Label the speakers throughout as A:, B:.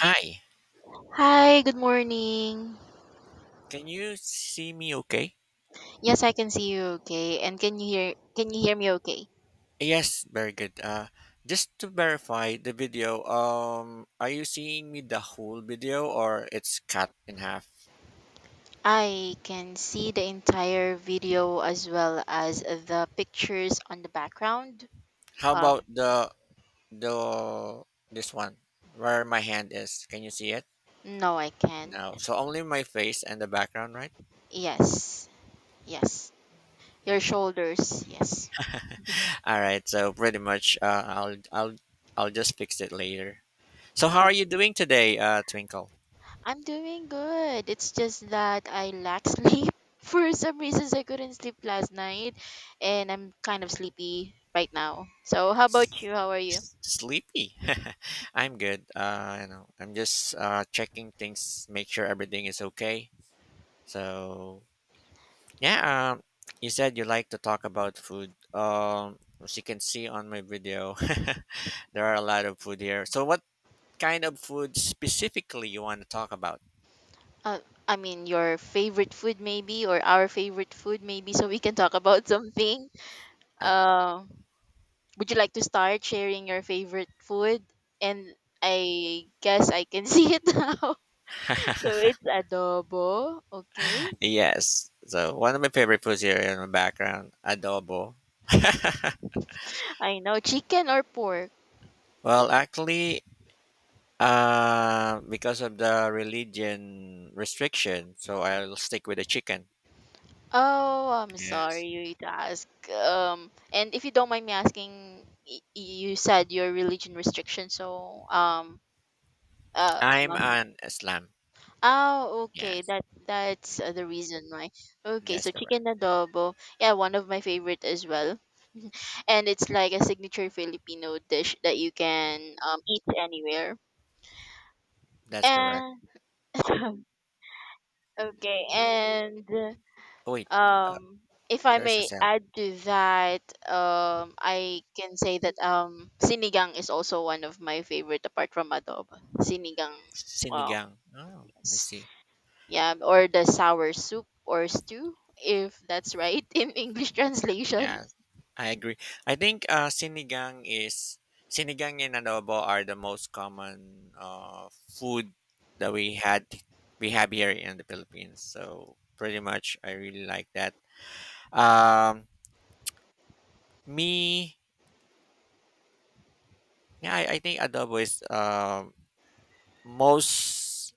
A: Hi,
B: Hi, good morning.
A: can you see me okay?
B: Yes, I can see you okay. And can you hear me okay?
A: Yes, very good. Just to verify the video, are you seeing me the whole video or it's cut in half?
B: I can see the entire video as well as the pictures on the background.
A: How about
B: Um
A: the this one where my hand is? Can you see it?
B: no, I can.
A: No. So only my face and the background, right?
B: Yes. Yes. Your
A: Okay.
B: shoulders. Yes.
A: All right. So pretty much, I'll just fix it later. So how
B: Uh,
A: are you doing today, Twinkle?
B: I'm doing good. It's just that I lack sleep. For some reasons I couldn't sleep last night and I'm kind of sleepy right now. So, how about you? How are you?
A: Sleepy. I'm good, I'm just checking things, make sure everything is okay. So yeah um you said you like to talk about food, as you can see on my video. There are a lot of food here, so what kind of food specifically you want to talk about?
B: Uh, I mean, your favorite food maybe, or our favorite food maybe, so we can talk about something.
A: Ad-
B: Uh, would you like to start sharing your favorite food? And I guess I can see it now. So it's adobo. Okay.
A: yes, so one of my favorite foods here in my background, adobo.
B: I know, chicken or pork.
A: Well, actually, because of the religion restriction, so I'll stick with the chicken.
B: Oh, I'm
A: Yes.
B: sorry you to ask. And if you don't mind me asking, you said your religion restriction, so uh,
A: I'm an Islam.
B: oh, okay.
A: Yes,
B: That's the reason why. Okay,
A: that's
B: so
A: correct.
B: chicken adobo. Yeah, one of my favorite as well. And it's like a signature Filipino dish that you can eat anywhere.
A: That's correct.
B: And okay, and
A: Oh, wait, uh,
B: um if I
A: there's a
B: may
A: sound.
B: add to that, I can say that sinigang is also one of my favorite apart from adobo. Sinigang. Wow,
A: Sinigang. Oh, I
B: yes.
A: see.
B: Yeah, or the sour soup or stew, if that's right in English translation.
A: Yeah, I agree. I think sinigang and adobo are the most common food that we had we have here in the Philippines. So pretty much, I really like that. Um, me. Yeah, I think adobo is most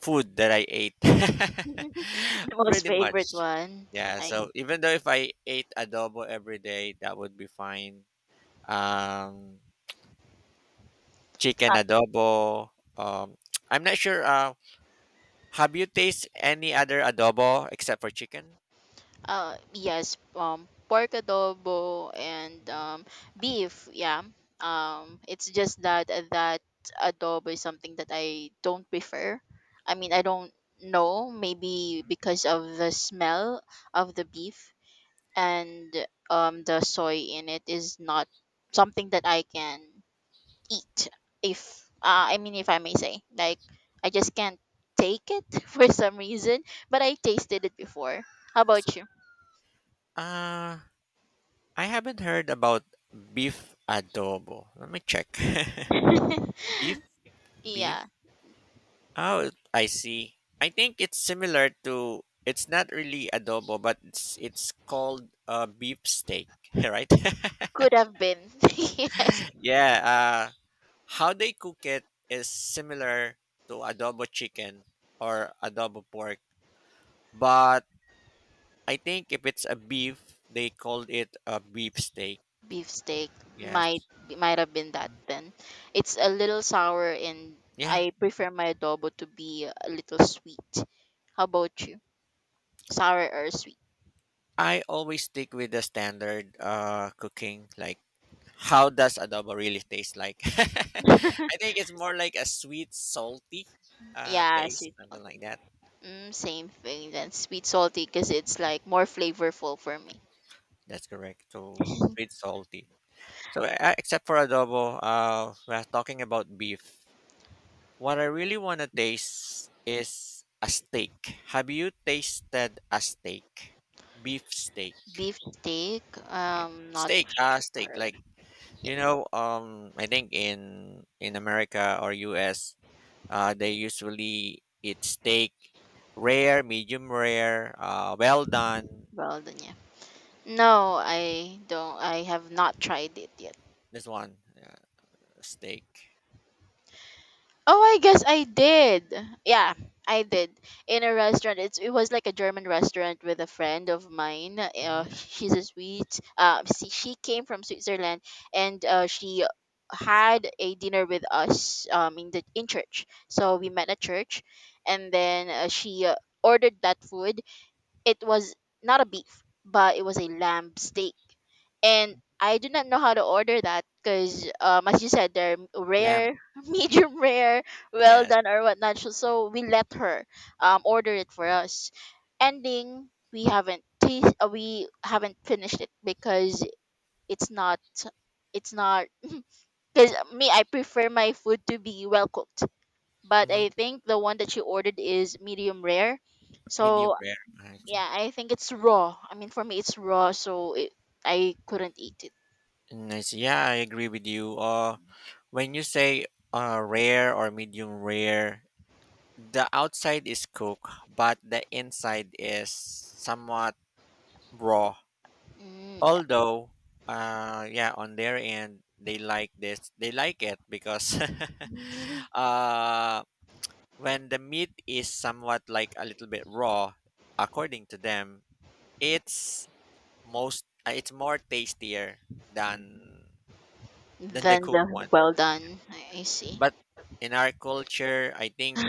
A: food that I ate.
B: The most
A: Pretty
B: favorite
A: much.
B: one.
A: Yeah,
B: I
A: so even though if I ate adobo every day, that would be fine. Um, chicken
B: uh,
A: adobo. Um, I'm not sure. Have you tasted any other adobo except for chicken?
B: yes, pork adobo and
A: Mm-hmm.
B: beef, yeah. It's just that adobo is something that I don't prefer. I mean, I don't know, maybe because of the smell of the beef and the soy in it is not something that I can eat if I mean if I may say like I just can't take it for some reason, but I tasted it before. How
A: I
B: about
A: see.
B: you?
A: Uh, I haven't heard about beef adobo. Let me check. beef,
B: Yeah,
A: Beef. Oh, I see. I think it's similar to it's not really adobo, but it's called beef steak, right?
B: could have been, yes.
A: Yeah. How they cook it is similar to adobo chicken or adobo pork, but I think if it's a beef, they called it a beef steak.
B: Beef steak might
A: Yes.
B: might have been that
A: Mhm.
B: then. It's a little sour, and
A: Yeah.
B: I prefer my adobo to be a little sweet. How about you, sour or sweet?
A: I always stick with the standard cooking. Like how does adobo really taste like? I think it's more like a sweet, salty
B: Yeah,
A: taste,
B: sweet
A: something
B: salty.
A: like that.
B: Mm, same thing then, sweet salty, because it's like more flavorful for me.
A: That's correct. So sweet, salty. So except for adobo, we're talking about beef. What I really want to taste is a steak. Have you tasted a steak? Beef steak.
B: Beef steak?
A: Yeah.
B: Not
A: Steak, steak.
B: sure.
A: Like,
B: Yeah,
A: you know, I think in America or U.S. They usually eat steak rare, medium rare, well done.
B: well done. Yeah. No, I don't. I have not tried it yet.
A: This one, steak.
B: Oh, I guess I did. Yeah, I did, in a restaurant. It was like a German restaurant with a friend of mine.
A: Hmm,
B: She's a Swiss. She came from Switzerland, and she had a dinner with us in the in church. So we met at church, and then she ordered that food. It was not a beef, but it was a lamb steak. And I do not know how to order that because, as you said, they're
A: lamb.
B: rare,
A: Mhm.
B: medium rare, well
A: Yes.
B: done, or whatnot. So we let her um order it for us. Ending, we haven't finished it because it's not, it's not. Because me, I prefer my food to be well cooked, but
A: Hmm,
B: I think the one that she ordered is medium rare.
A: medium
B: So
A: rare. I see.
B: yeah, I think it's raw. I mean, for me, it's raw, I couldn't eat it.
A: And I see. Yeah, I agree with you. When you say rare or medium rare, the outside is cooked, but the inside is somewhat raw.
B: Mm.
A: Although, yeah, on their end they like this, they like it because
B: Mm.
A: uh when the meat is somewhat like a little bit raw, according to them, it's most it's more tastier than
B: Mm.
A: the
B: Then
A: cooked
B: the
A: one.
B: well done. I see.
A: But in our culture, I think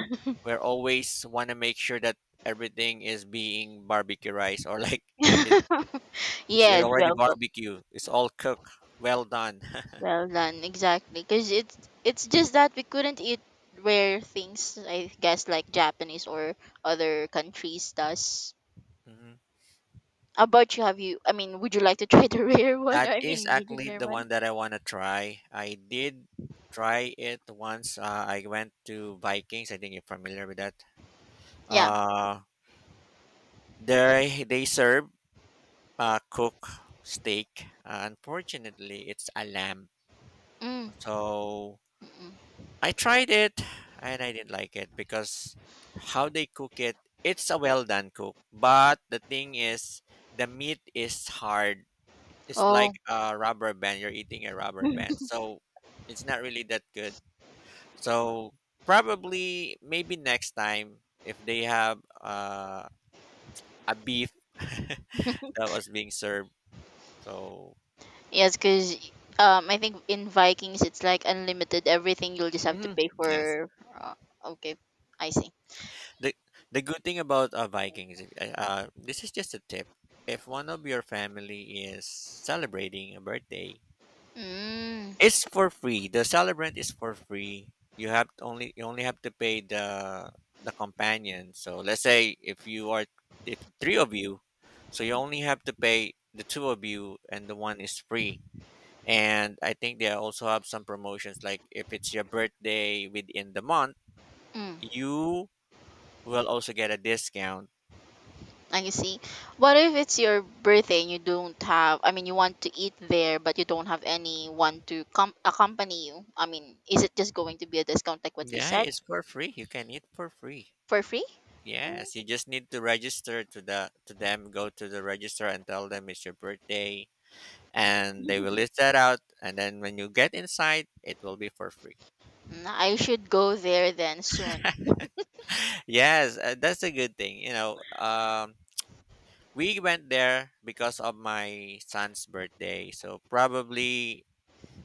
A: we're always want to make sure that everything is being barbecuized, or like it, it's
B: Yes,
A: already
B: well cooked,
A: barbecue, it's all cooked well done.
B: well done. Exactly, because it's just that we couldn't eat rare things. I guess like Japanese or other countries does. How about you? Have you? I mean, would you like to try the rare one?
A: That
B: I
A: is
B: mean, medium
A: actually
B: rare
A: the
B: one.
A: one that I want to try. I did try it once. I went to Vikings. I think you're familiar with that.
B: Yeah.
A: Uh, there they serve cook steak. Unfortunately, it's a lamb.
B: Mm.
A: So
B: Mm, mm.
A: I tried it and I didn't like it because how they cook it, it's a well done cook. But the thing is, the meat is hard. It's
B: Oh.
A: like a rubber band. You're eating a rubber band. So it's not really that good. So probably maybe next time if they have a beef that was being served. So
B: Yes, because I think in Vikings it's like unlimited everything. You'll just have to
A: mhm,
B: pay
A: yes,
B: for. Uh, okay, I see.
A: the the good thing about Vikings. This is just a tip. If one of your family is celebrating a birthday,
B: Mm,
A: it's for free. The celebrant is for free. You have to only you only have to pay the companion. So let's say if you are if three of you, so you only have to pay the two of you and the one is free. And I think they also have some promotions, like if it's your birthday within the month,
B: mm,
A: you will also get a discount.
B: I see. What if it's your birthday and you don't have? I mean, you want to eat there, but you don't have anyone to accompany you. I mean, is it just going to be a discount like what you
A: Yeah,
B: said,
A: it's for free. You can eat for free.
B: for free?
A: Yes, you just need to register to them, go to the register and tell them it's your birthday, and they will list that out, and then when you get inside, it will be for free.
B: Mm, I should go there then soon.
A: Yes, that's a good thing. We went there because of my son's birthday, so probably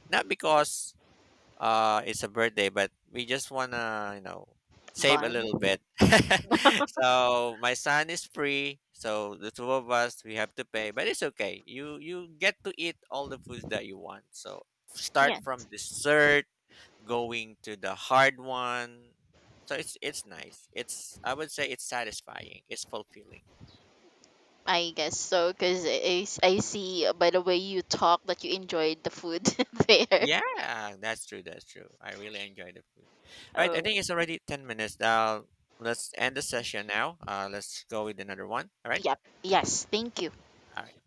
A: not because it's a birthday, but we just wanna, you know, save a
B: Bun.
A: little bit. So my son is free, so the two of us we have to pay, but it's okay. You get to eat all the foods that you want, so start
B: Yeah.
A: from dessert going to the hard one. So it's nice. It's, I would say, it's satisfying. It's fulfilling.
B: I guess so, because I see by the way you talk that you enjoyed the food there.
A: Yeah, that's true. That's true. I really enjoy the food. All right, I think
B: Oh.
A: it's already 10 minutes now. Let's end the session now. Let's go with another one. All right.
B: Yep. Yes. Thank you.
A: All right.